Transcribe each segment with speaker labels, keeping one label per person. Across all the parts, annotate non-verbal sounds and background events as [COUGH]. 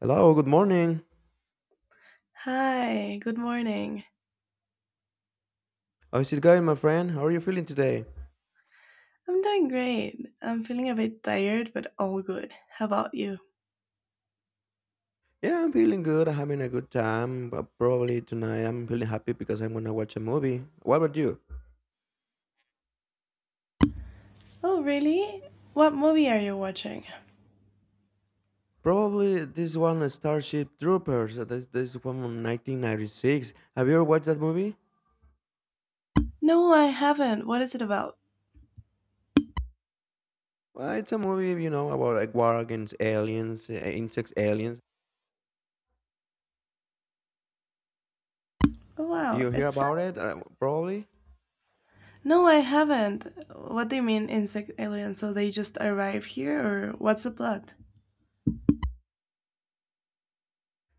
Speaker 1: Hello, good morning.
Speaker 2: Hi, good morning.
Speaker 1: How's it going, my friend? How are you feeling today?
Speaker 2: I'm doing great. I'm feeling a bit tired, but all good. How about you?
Speaker 1: Yeah, I'm feeling good. I'm having a good time, but probably tonight I'm feeling happy because I'm gonna watch a movie. What about you?
Speaker 2: Oh, really? What movie are you watching?
Speaker 1: Probably this one, Starship Troopers. This one from 1996. Have you ever watched that movie?
Speaker 2: No, I haven't. What is it about?
Speaker 1: Well, it's a movie, about like war against aliens, insects, aliens.
Speaker 2: Oh,
Speaker 1: Do
Speaker 2: wow.
Speaker 1: you hear
Speaker 2: It's
Speaker 1: about it? Probably.
Speaker 2: No, I haven't. What do you mean, insect aliens? So they just arrive here, or what's the plot?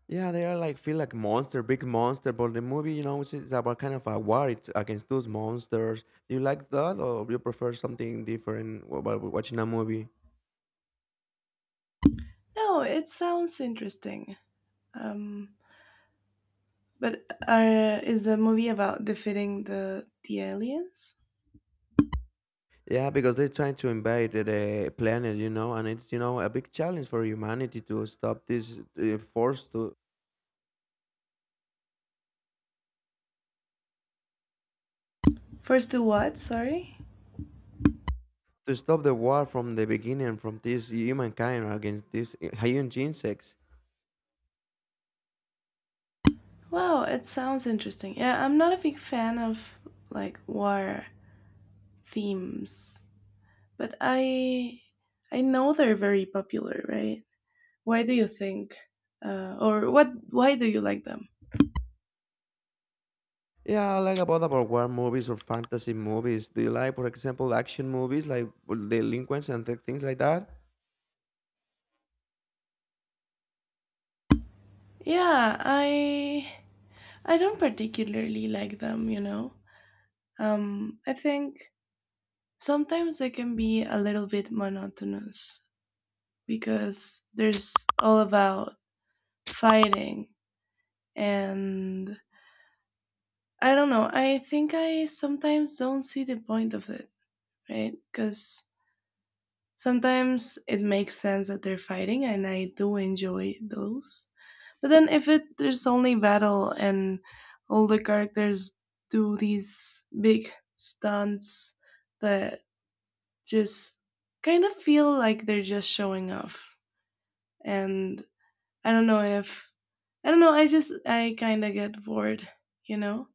Speaker 1: Yeah, they are like feel like monster, big monster. But the movie, it's about kind of a war. It's against those monsters. Do you like that, or you prefer something different while watching a movie?
Speaker 2: No, it sounds interesting. Um, but is the movie about defeating the aliens?
Speaker 1: Yeah, because they're trying to invade the planet, and it's a big challenge for humanity to stop this force to
Speaker 2: First, to what? Sorry.
Speaker 1: to stop the war from the beginning from this humankind against these huge insects.
Speaker 2: Wow, it sounds interesting. Yeah, I'm not a big fan of like war themes, but I know they're very popular, right? Why do you think or what why do you like them?
Speaker 1: Yeah, I like about war movies or fantasy movies. Do you like, for example, action movies like well, delinquents and things like that?
Speaker 2: Yeah, I don't particularly like them, you know. I think sometimes they can be a little bit monotonous because there's all about fighting, and I don't know. I think I sometimes don't see the point of it, right? Because sometimes it makes sense that they're fighting, and I do enjoy those. But then if it there's only battle and all the characters do these big stunts that just kind of feel like they're just showing off, and I don't know if I don't know. I just I kind of get bored, you know.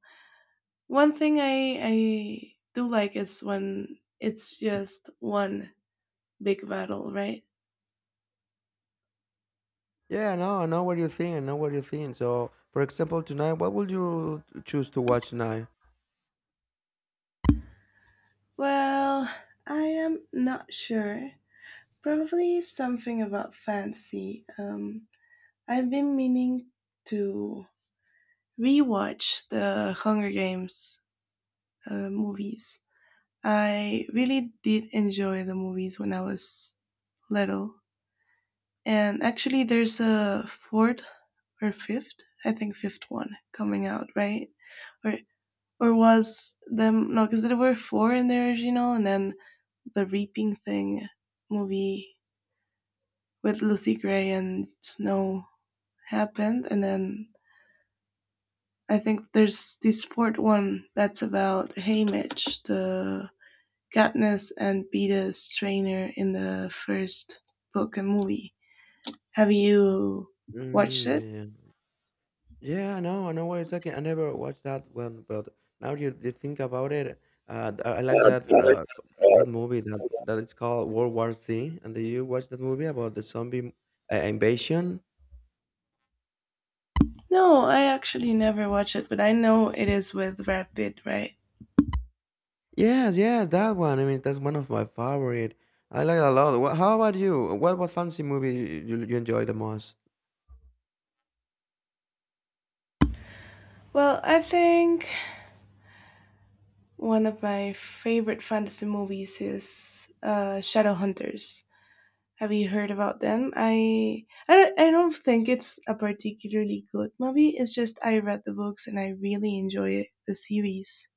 Speaker 2: One thing I do like is when it's just one big battle, right?
Speaker 1: Yeah, I know, what you think. I know what you think. So, for example, tonight, what would you choose to watch tonight?
Speaker 2: Well, I am not sure. Probably something about fancy. I've been meaning to rewatch the Hunger Games movies. I really did enjoy the movies when I was little, and actually, there's a fourth or fifth, I think fifth one coming out, right? or Or was them no? Because there were four in the original, and then the reaping thing movie with Lucy Gray and Snow happened, and then I think there's this fourth one that's about Haymitch, the Katniss and Beeta's trainer in the first book and movie. Have you watched
Speaker 1: Mm,
Speaker 2: it?
Speaker 1: yeah, yeah, yeah. I know, what you're talking. I never watched that one, but now you think about it, I like that that movie that it's called World War Z. And did you watch that movie about the zombie invasion?
Speaker 2: No, I actually never watched it, but I know it is with Brad Pitt, right?
Speaker 1: Yes, yes, that one. I mean, that's one of my favorite. I like it a lot. How about you? What fancy movie you enjoy the most?
Speaker 2: Well, I think one of my favorite fantasy movies is Shadowhunters. Have you heard about them? I don't think it's a particularly good movie. It's just I read the books and I really enjoy it, the series,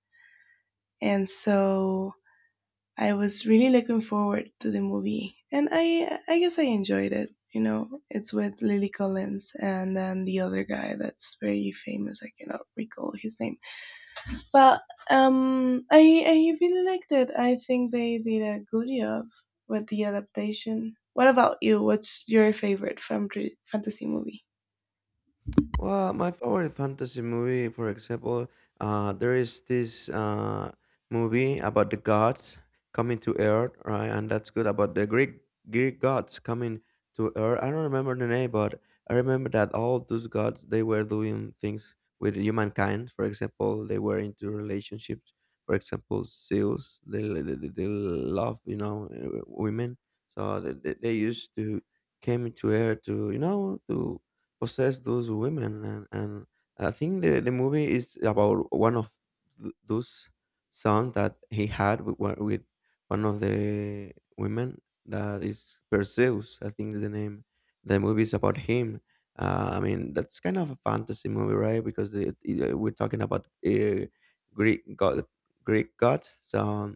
Speaker 2: and so I was really looking forward to the movie, and I guess I enjoyed it. You know, it's with Lily Collins and then the other guy that's very famous. I cannot recall his name, but I really liked it. I think they did a good job with the adaptation. What about you? What's your favorite fantasy movie?
Speaker 1: Well, my favorite fantasy movie, for example, there is this movie about the gods coming to Earth, right? And that's good about the Greek gods coming to Earth. I don't remember the name, but I remember that all those gods they were doing things with humankind. For example, they were into relationships. For example, Zeus, they love women, so they used to came into Earth to you know to possess those women, and I think the movie is about one of those sons that he had with one of the women that is Perseus, I think is the name. The movie is about him. I mean, that's kind of a fantasy movie, right? Because we're talking about greek god greek gods so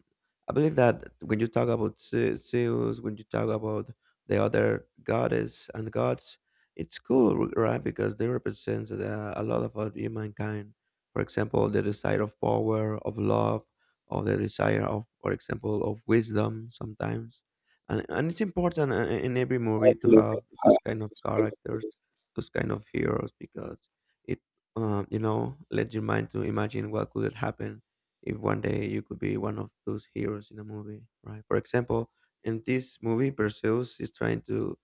Speaker 1: I believe that when you talk about Zeus, when you talk about the other goddess and gods, it's cool, right? Because they represent a lot of humankind. For example, the desire of power, of love, of the desire for example, of wisdom sometimes. And it's important in every movie to have those kind of characters, those kind of heroes, because it, let your mind to imagine what could it happen if one day you could be one of those heroes in a movie, right? For example, in this movie, Perseus is trying to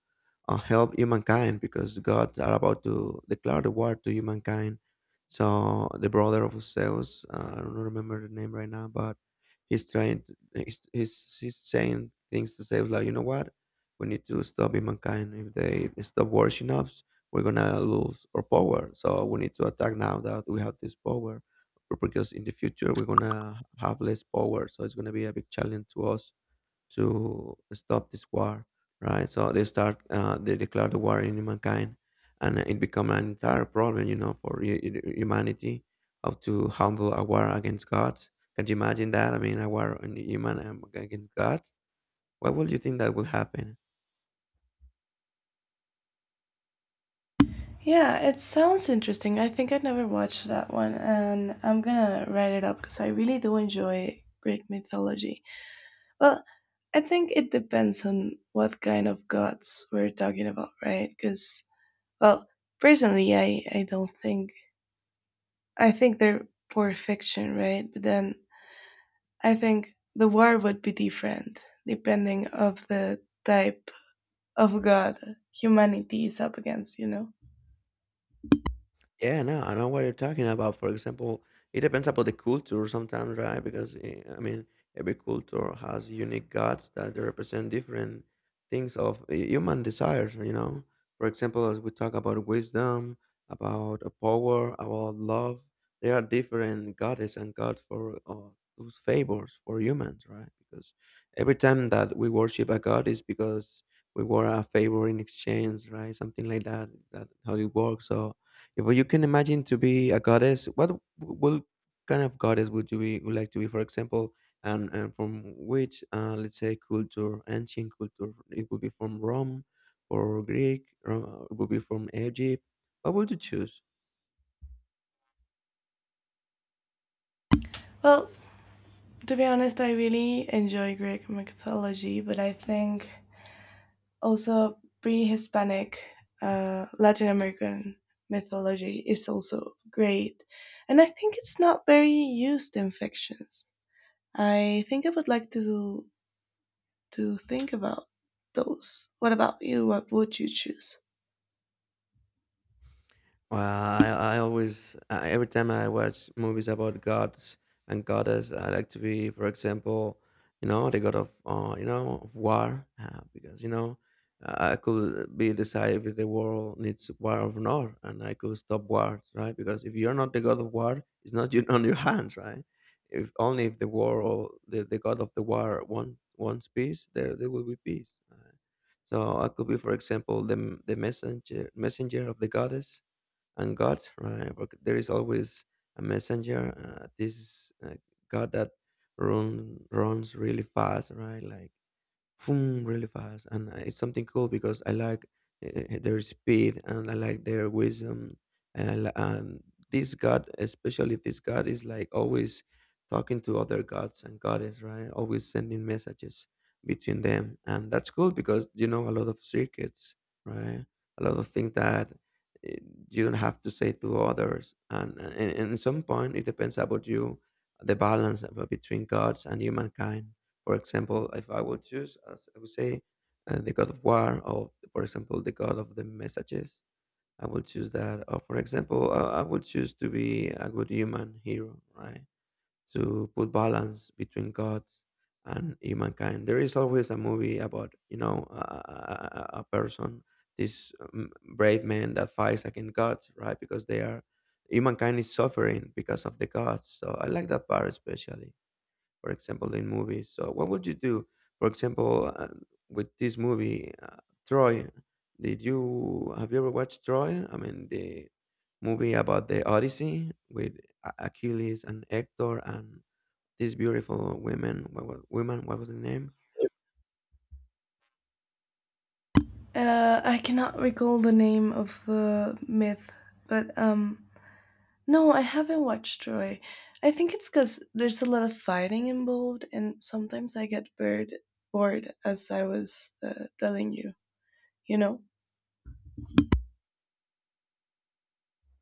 Speaker 1: help humankind because God are about to declare the war to humankind. So the brother of Zeus, I don't remember the name right now, but he's trying. To, he's saying things to Zeus like, you know what? We need to stop humankind. If they stop worshiping us, we're gonna lose our power. So we need to attack now that we have this power, because in the future we're gonna have less power. So it's gonna be a big challenge to us to stop this war, right? So they declare the war in mankind, and it become an entire problem, for humanity, how to handle a war against God. Can you imagine that? I mean, a war on human against God. What would you think that would happen?
Speaker 2: Yeah, it sounds interesting. I think I never watched that one, and I'm gonna write it up because I really do enjoy Greek mythology. Well, I think it depends on what kind of gods we're talking about, right? Because, well, personally, I don't think I think they're for fiction, right? But then I think the war would be different depending of the type of god humanity is up against, you know.
Speaker 1: Yeah, no, I know what you're talking about. For example, it depends about the culture sometimes, right? Because I mean, every culture has unique gods that they represent different things of human desires. You know, for example, as we talk about wisdom, about power, about love, there are different goddess and gods for those favors for humans, right? Because every time that we worship a god is because we were a favor in exchange, right? Something like that. That how it works. So if you can imagine to be a goddess, what kind of goddess would you be, would like to be? For example, and from which, let's say, culture, ancient culture, it would be from Rome, or Greek, or it would be from Egypt. What would you choose?
Speaker 2: Well, to be honest, I really enjoy Greek mythology, but I think also pre-Hispanic Latin American mythology is also great, and I think it's not very used in fictions. I think I would like to think about those. What about you? What would you choose?
Speaker 1: Well, I always, every time I watch movies about gods and goddess, I like to be, for example, the god of, of war, because, I could be decide if the world needs war or not, and I could stop wars, right? Because if you're not the god of war, it's not [LAUGHS] you on your hands, right? If only if the world, the god of the war wants peace, there will be peace. Right? So I could be, for example, the messenger of the goddess and God, right? But there is always a messenger. This is, god that runs really fast, right? Like boom, really fast, and it's something cool because I like their speed and I like their wisdom, and this god, especially this god, is like always talking to other gods and goddess, right? Always sending messages between them, and that's cool because you know a lot of secrets, right? A lot of things that eh, you don't have to say to others, and at some point it depends about you the balance between gods and humankind. For example, if I would choose, as I would say, the God of War, or for example, the God of the Messages, I will choose that. Or for example, I will choose to be a good human hero, right? To put balance between gods and humankind. There is always a movie about a person, this brave man that fights against gods, right? Because they are humankind is suffering because of the gods. So I like that part especially for example, in movies. So, what would you do, for example, with this movie, Troy? Did you have you ever watched Troy? I mean, the movie about the Odyssey with Achilles and Hector and these beautiful women. What was women? What was the name?
Speaker 2: I cannot recall the name of the myth, but no, I haven't watched Troy. I think it's because there's a lot of fighting involved, and sometimes I get bored, bored as I was telling you. You know.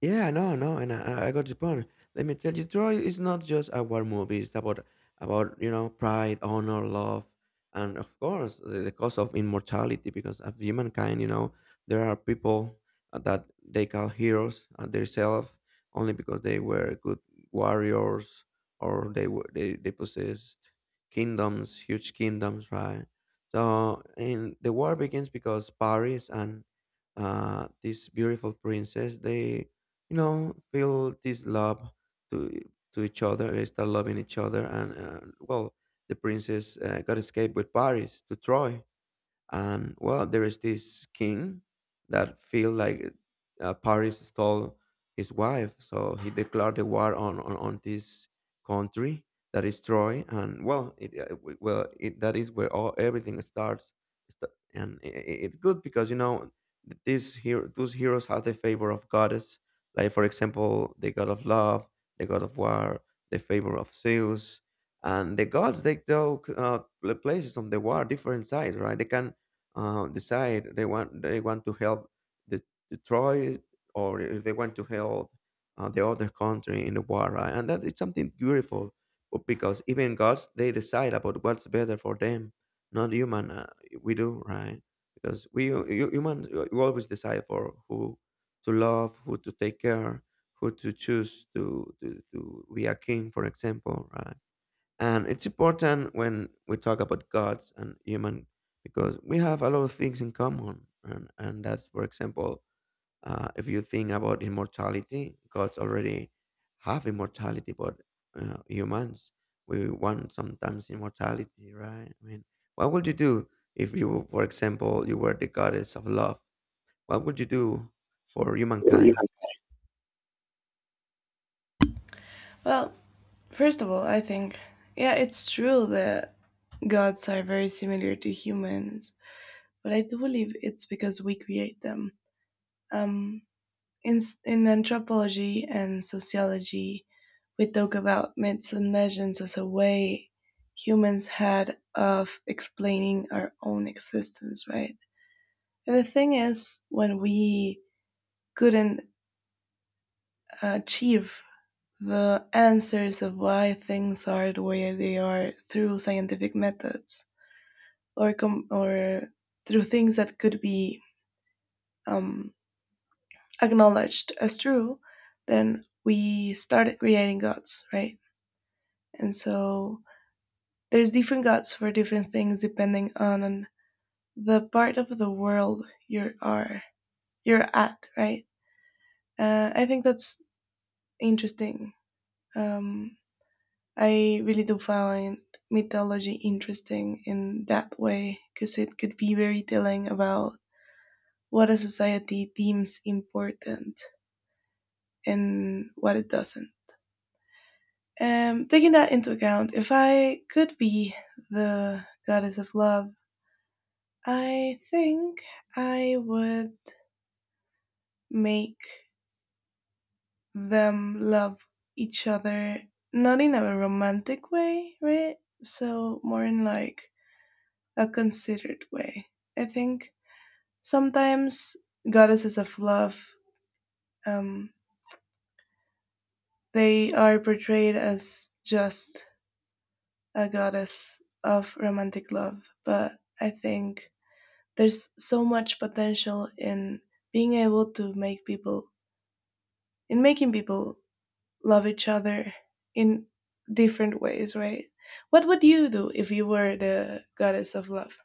Speaker 1: Yeah, no, no, and I got your point. Let me tell you, Troy is not just a war movie. It's about pride, honor, love, and of course the cost of immortality because of humankind. You know there are people that they call heroes themselves only because they were good warriors or they possessed kingdoms, huge kingdoms, right? So and the war begins because Paris and this beautiful princess they feel this love to to each other. They start loving each other, and well the princess got escaped with Paris to Troy, and well there is this king that feel like Paris stole his wife, so he declared the war on this country that is Troy. And well it, w- well it, that is where all everything starts. It's good because these those heroes have the favor of goddess, like for example the god of love, the god of war, the favor of Zeus. And the gods they took places on the war different sides, right? They can decide. They want to help the Detroit, or if they want to help the other country in the war, right? And that is something beautiful because even gods they decide about what's better for them, not human. We do, right? Because we hu- hu- human we always decide for who to love, who to take care, who to choose to be a king, for example, right? And it's important when we talk about gods and human, because we have a lot of things in common. And that's, for example, if you think about immortality, gods already have immortality, but humans, we want sometimes immortality, right? I mean, what would you do if you, for example, you were the goddess of love? What would you do for humankind?
Speaker 2: Well, first of all, I think yeah, it's true that gods are very similar to humans, but I do believe it's because we create them. Um, In, in anthropology and sociology, we talk about myths and legends as a way humans had of explaining our own existence, right? And the thing is, when we couldn't achieve the answers of why things are the way they are through scientific methods or through things that could be um, acknowledged as true, then we started creating gods, right? And so there's different gods for different things depending on the part of the world you're at, right? I think that's interesting. Um, I really do find mythology interesting in that way because it could be very telling about what a society deems important and what it doesn't. Taking that into account, if I could be the goddess of love, I think I would make them love each other, not in a romantic way, right? So, more in like a considered way. I think sometimes goddesses of love, um, they are portrayed as just a goddess of romantic love, but I think there's so much potential in being able to make people in making people love each other in different ways, right? What would you do if you were the goddess of love?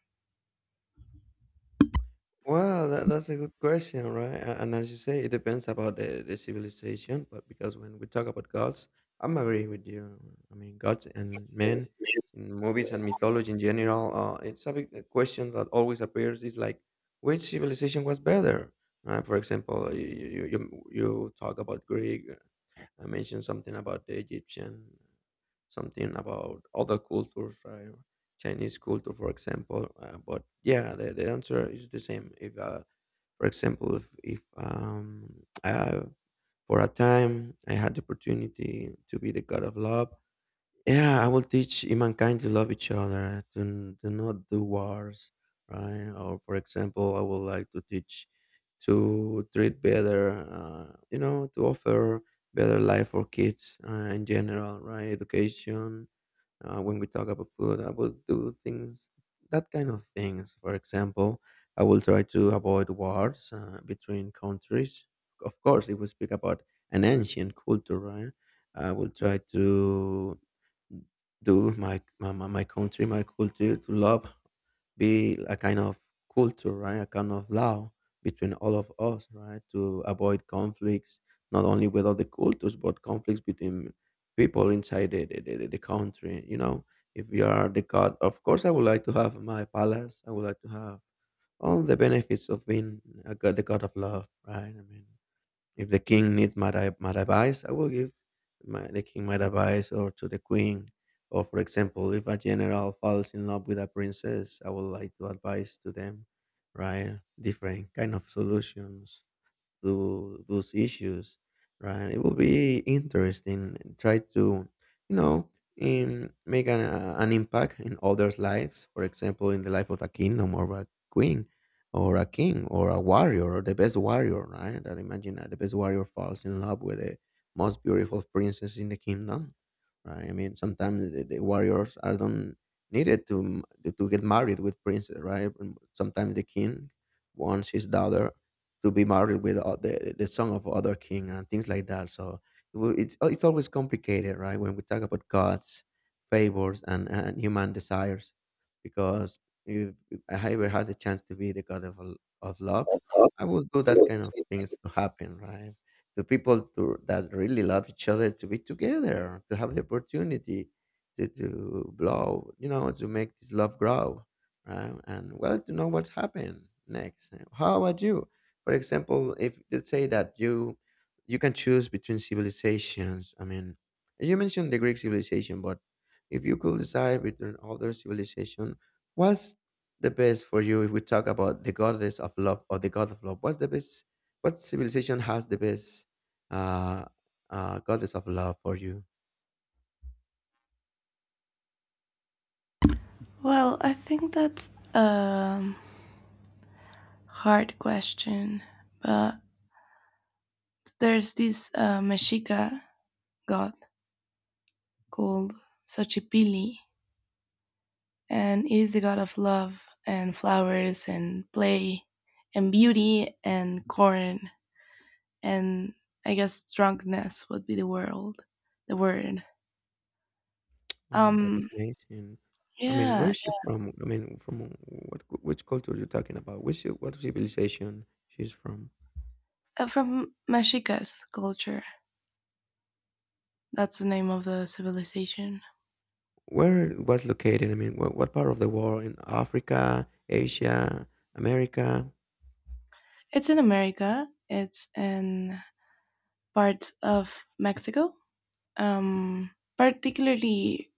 Speaker 1: Well, that's a good question, right? And as you say, it depends about the civilization. But because when we talk about gods, I'm agree with you. I mean, gods and men in movies and mythology in general, it's a big a question that always appears is like, which civilization was better? For example, you talk about Greek. I mentioned something about the Egyptian, something about other cultures, right? Chinese culture, for example. But yeah, the answer is the same. If, for example, if uh, for a time I had the opportunity to be the god of love, yeah, I will teach humankind to love each other, to not do wars, right? Or, for example, I would like to teach to treat better, to offer better life for kids in general, right? Education. When we talk about food, I will do things, that kind of things. For example, I will try to avoid wars between countries. Of course, if we speak about an ancient culture, right? I will try to do my country, my culture to love, be a kind of culture, right? A kind of love between all of us, right? To avoid conflicts, not only with other cultures, but conflicts between people inside the country. You know, if you are the god, of course, I would like to have my palace. I would like to have all the benefits of being a god, the god of love, right? I mean, if the king needs my advice, I will give the king my advice or to the queen. Or, for example, if a general falls in love with a princess, I would like to advise to them, right? Different kind of solutions to those issues, right? It will be interesting. And try to, you know, make an an impact in others' lives. For example, in the life of a kingdom or a queen, or a king, or a warrior, or the best warrior, right? That imagine that the best warrior falls in love with the most beautiful princess in the kingdom, right? I mean, sometimes the warriors are don't needed to get married with princess, right? And sometimes the king wants his daughter to be married with the son of other king and things like that. So it's always complicated, right? When we talk about God's favors and, human desires, because if I ever had the chance to be the God of love, I would do that kind of things to happen, right? To people to, that really love each other to be together, to have the opportunity to blow, to make this love grow, right? And well, to know what's happened next. How about you? For example, if let's say that you can choose between civilizations. I mean, you mentioned the Greek civilization, but if you could decide between other civilization, what's the best for you? If we talk about the goddess of love or the god of love, what's the best? What civilization has the best uh, goddess of love for you?
Speaker 2: Well, I think that's a hard question, but there's this Mexica god called Xochipilli, and he is the god of love and flowers and play and beauty and corn and I guess drunkenness would be the world, the word.
Speaker 1: Oh, that's
Speaker 2: Um,
Speaker 1: amazing. I mean, where
Speaker 2: Yeah,
Speaker 1: is she from? I mean, from what, which culture you're talking about? Which, what civilization she's from?
Speaker 2: from Mexicas culture. That's the name of the civilization.
Speaker 1: Where it was located? I mean, what part of the world? In Africa, Asia, America?
Speaker 2: It's in America. It's in parts of Mexico. Um, Particularly,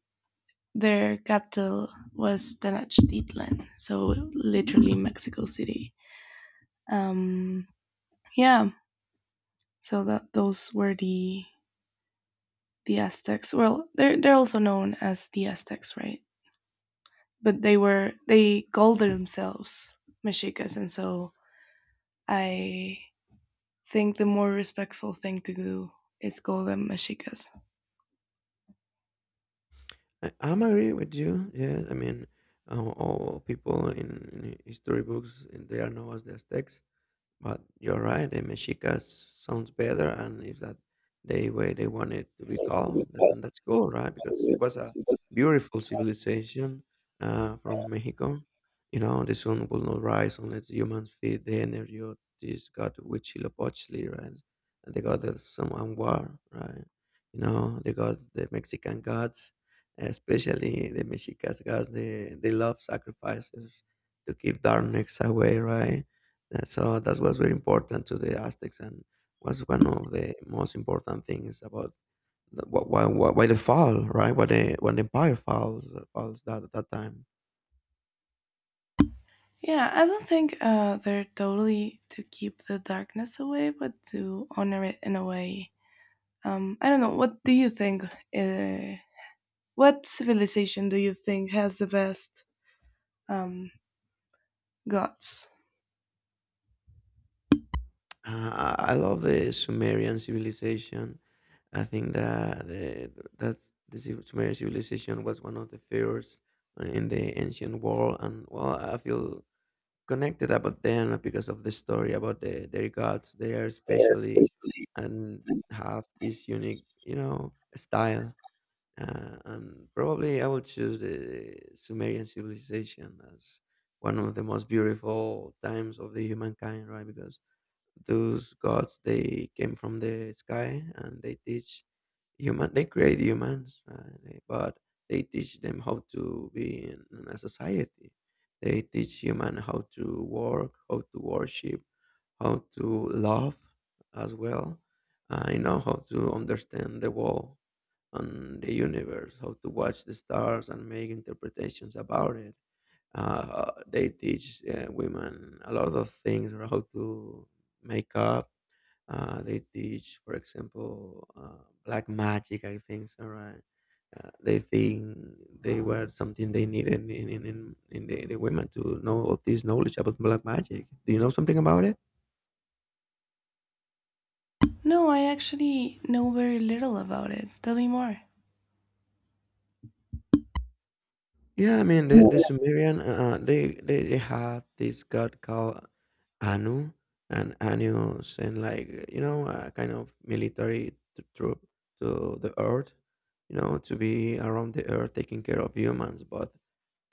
Speaker 2: their capital was Tenochtitlan, so literally Mexico City. Um, yeah, so that those were the Aztecs. Well, they're also known as the Aztecs, right? But they called themselves Mexicas, and so I think the more respectful thing to do is call them mexicas.
Speaker 1: I'm agree with you. Yeah, I mean, all people in history books, and they are known as the Aztecs. But you're right, the mexica sounds better, and if that the way they want it to be called, that, and that's cool, right? Because it was a beautiful civilization from Mexico. You know, the sun will not rise unless humans feed the energy of this god Huitzilopochtli, right? And the god of some and war, right? You know, the gods, the Mexican gods, especially the Mexicas gods, they love sacrifices to keep darkness away, right? So that was very important to the Aztecs and was one of the most important things about the, why the fall, right? Why the, when the empire falls, falls that, that time.
Speaker 2: Yeah, I don't think they're totally to keep the darkness away, but to honor it in a way. I don't know. What do you think? Uh, what civilization do you think has the best um, gods?
Speaker 1: I love the Sumerian civilization. I think that the, that's, the Sumerian civilization was one of the first in the ancient world. And well, I feel connected about them because of the story about the, their gods. They are especially and have this unique, style. And probably I will choose the Sumerian civilization as one of the most beautiful times of the humankind, right? Because those gods they came from the sky and they teach human they create humans right? They- but they teach them how to be in a society they teach human how to work how to worship how to love as well how to understand the world and the universe how to watch the stars and make interpretations about it they teach women a lot of things or how to make up they teach, for example, black magic. I think so, right? They think they were something they needed in the women to know of this knowledge about black magic. Do you know something about it?
Speaker 2: No, I actually know very little about it. Tell me more.
Speaker 1: Yeah, I mean the [LAUGHS] Sumerian they had this god called Anu, and Anu sent like you know a kind of military troop to the earth, you know, to be around the earth taking care of humans. But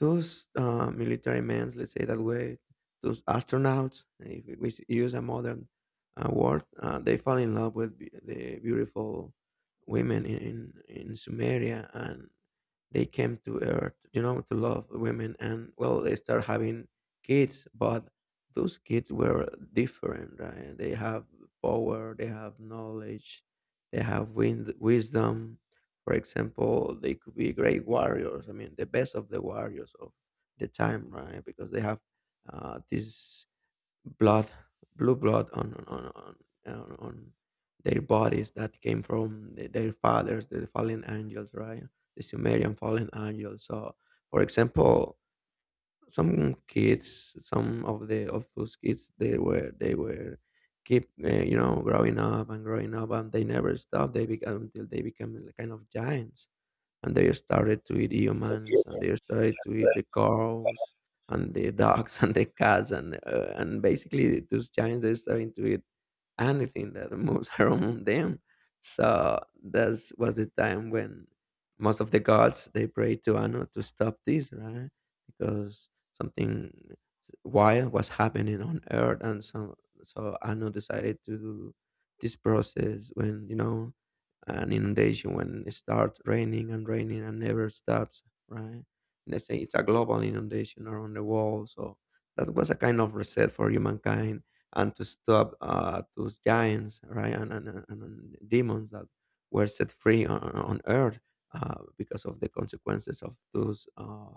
Speaker 1: those military men, let's say that way, those astronauts, if we use a modern word, they fall in love with the beautiful women in, in Sumeria and they came to Earth, you know, to love women. And well, they start having kids, but those kids were different, right? They have power, they have knowledge, they have wisdom, for example, they could be great warriors. I mean, the best of the warriors of the time, right? Because they have this blood, blue blood on their bodies that came from the, their fathers, the fallen angels, right? The Sumerian fallen angels. So, for example, some kids, some of the of those kids, they were keep growing up and they never stop they become until they become like kind of giants, and they started to eat humans and they started to eat the cows and the dogs [LAUGHS] and the cats and basically those giants they started to eat anything that moves [LAUGHS] around them. So that was the time when most of the gods they prayed to anu to stop this right, because something wild was happening on earth. And so anu decided to do this process when an inundation when it starts raining and raining and never stops, right? They say it's a global inundation around the world. So that was a kind of reset for humankind and to stop those giants, right? And demons that were set free on earth because of the consequences of those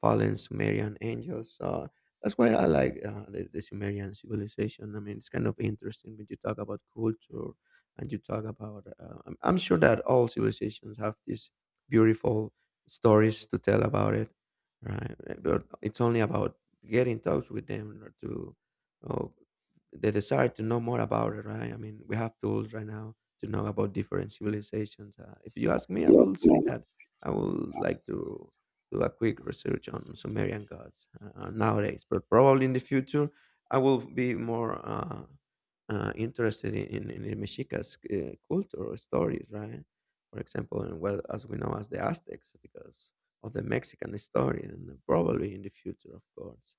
Speaker 1: fallen Sumerian angels. So that's why I like the Sumerian civilization. I mean, it's kind of interesting when you talk about culture, and you talk about I'm sure that all civilizations have these beautiful stories to tell about it, right? But it's only about getting in touch with them or to or the desire to know more about it, right? I mean we have tools right now to know about different civilizations. If you ask me, I will say that I will like to do a quick research on sumerian gods nowadays, but probably in the future I will be more interested in, in Mexica's culture or stories, right? For example, and well, as we know as the Aztecs, because of the Mexican story, and probably in the future, of course.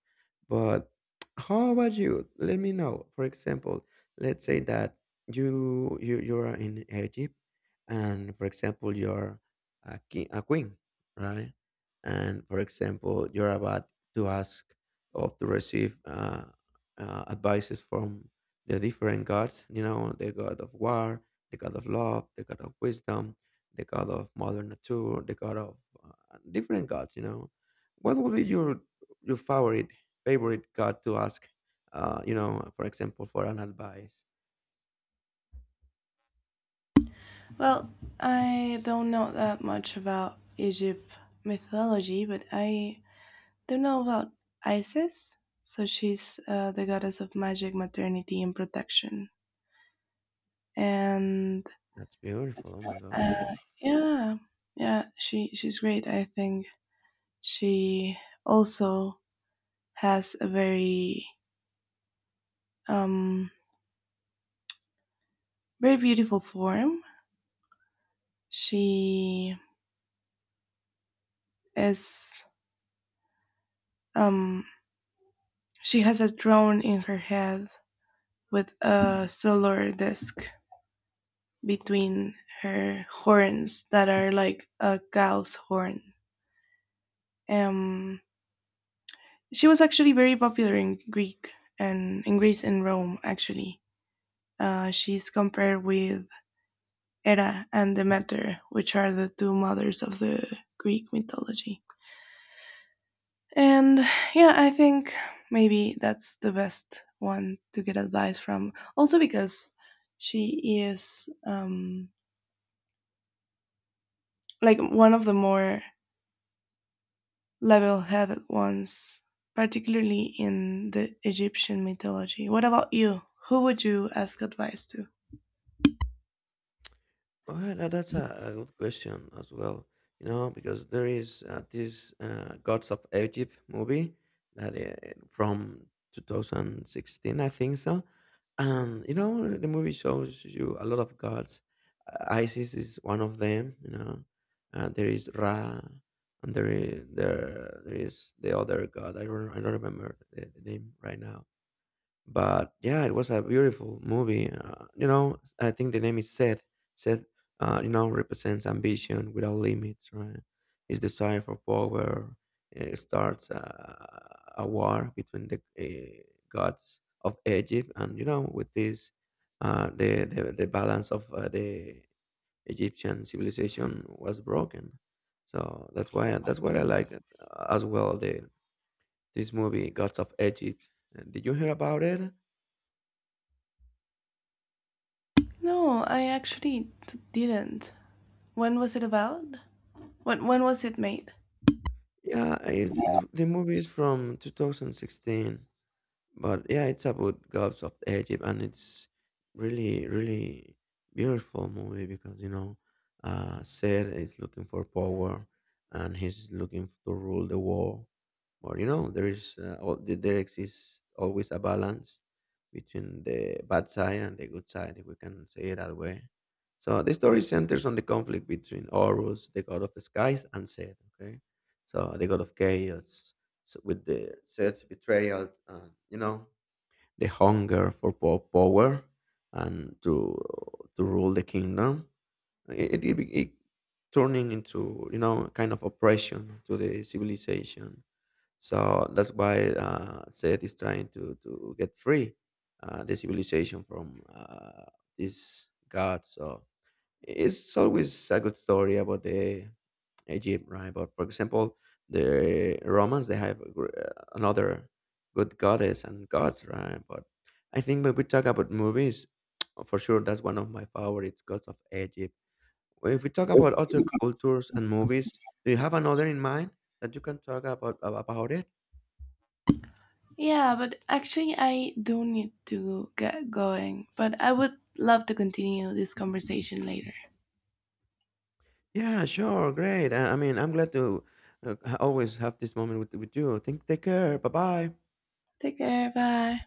Speaker 1: But how about you? Let me know. For example, let's say that you are in Egypt, and for example, you're a king, a queen, right? And for example, you're about to ask or to receive advices from the different gods, you know, the god of war, the god of love, the god of wisdom, the god of mother nature, the god of different gods, you know. What would be your favorite god to ask? For example, for an advice.
Speaker 2: Well, I don't know that much about Egypt mythology, but I do know about Isis. So she's the goddess of magic, maternity, and protection. And
Speaker 1: That's beautiful. Oh my god,
Speaker 2: uh,
Speaker 1: no.
Speaker 2: yeah, yeah, she she's great. I think she also has a very um very beautiful form. She is um she has a throne in her head with a solar disk between her horns that are like a cow's horn. Um, she was actually very popular in Greek and in Greece and Rome. Actually, she's compared with Hera and Demeter, which are the two mothers of the Greek mythology. And yeah, I think maybe that's the best one to get advice from. Also because she is like one of the more level-headed ones, particularly in the Egyptian mythology. What about you? Who would you ask advice to?
Speaker 1: Well, a good question as well. You know, because there is this Gods of Egypt movie that from 2016, I think so. And you know, the movie shows you a lot of gods. Isis is one of them. You know, there is Ra, and there is there there is the other god. I don't remember the name right now, but yeah, it was a beautiful movie. You know, I think the name is Seth. Seth, represents ambition without limits, right? His desire for power starts a war between the gods of Egypt, and you know, with this, the balance of the Egyptian civilization was broken. So that's why that's what I like as well. The this movie, Gods of Egypt. Did you hear about it?
Speaker 2: No, I actually didn't. When was it about? When was it made?
Speaker 1: Yeah, the movie is from 2016. But yeah, it's about gods of Egypt, and it's really, really beautiful movie because you know, Seth is looking for power, and he's looking to rule the world. But you know, there is there exists always a balance between the bad side and the good side, if we can say it that way. So the story centers on the conflict between Horus, the god of the skies, and Seth. Okay, so the god of chaos, so with the self betrayal and you know the hunger for power and to rule the kingdom, it turning into you know kind of oppression to the civilization. So that's why Seth is trying to get free the civilization from this god. So it's always a good story about the Egypt, right? But for example, the Romans they have a another good goddess and gods, right? But I think when we talk about movies, [TSK] for sure that's one of my favorites, gods of Egypt. Well, if we talk about other cultures and movies, do you have another in mind that you can talk about it?
Speaker 2: Yeah, but actually I do need to get going, but I would love to continue this conversation later.
Speaker 1: Yeah, sure, great. I mean, I'm glad to always have this moment with you. Think, take care. Bye bye.
Speaker 2: Take care, bye.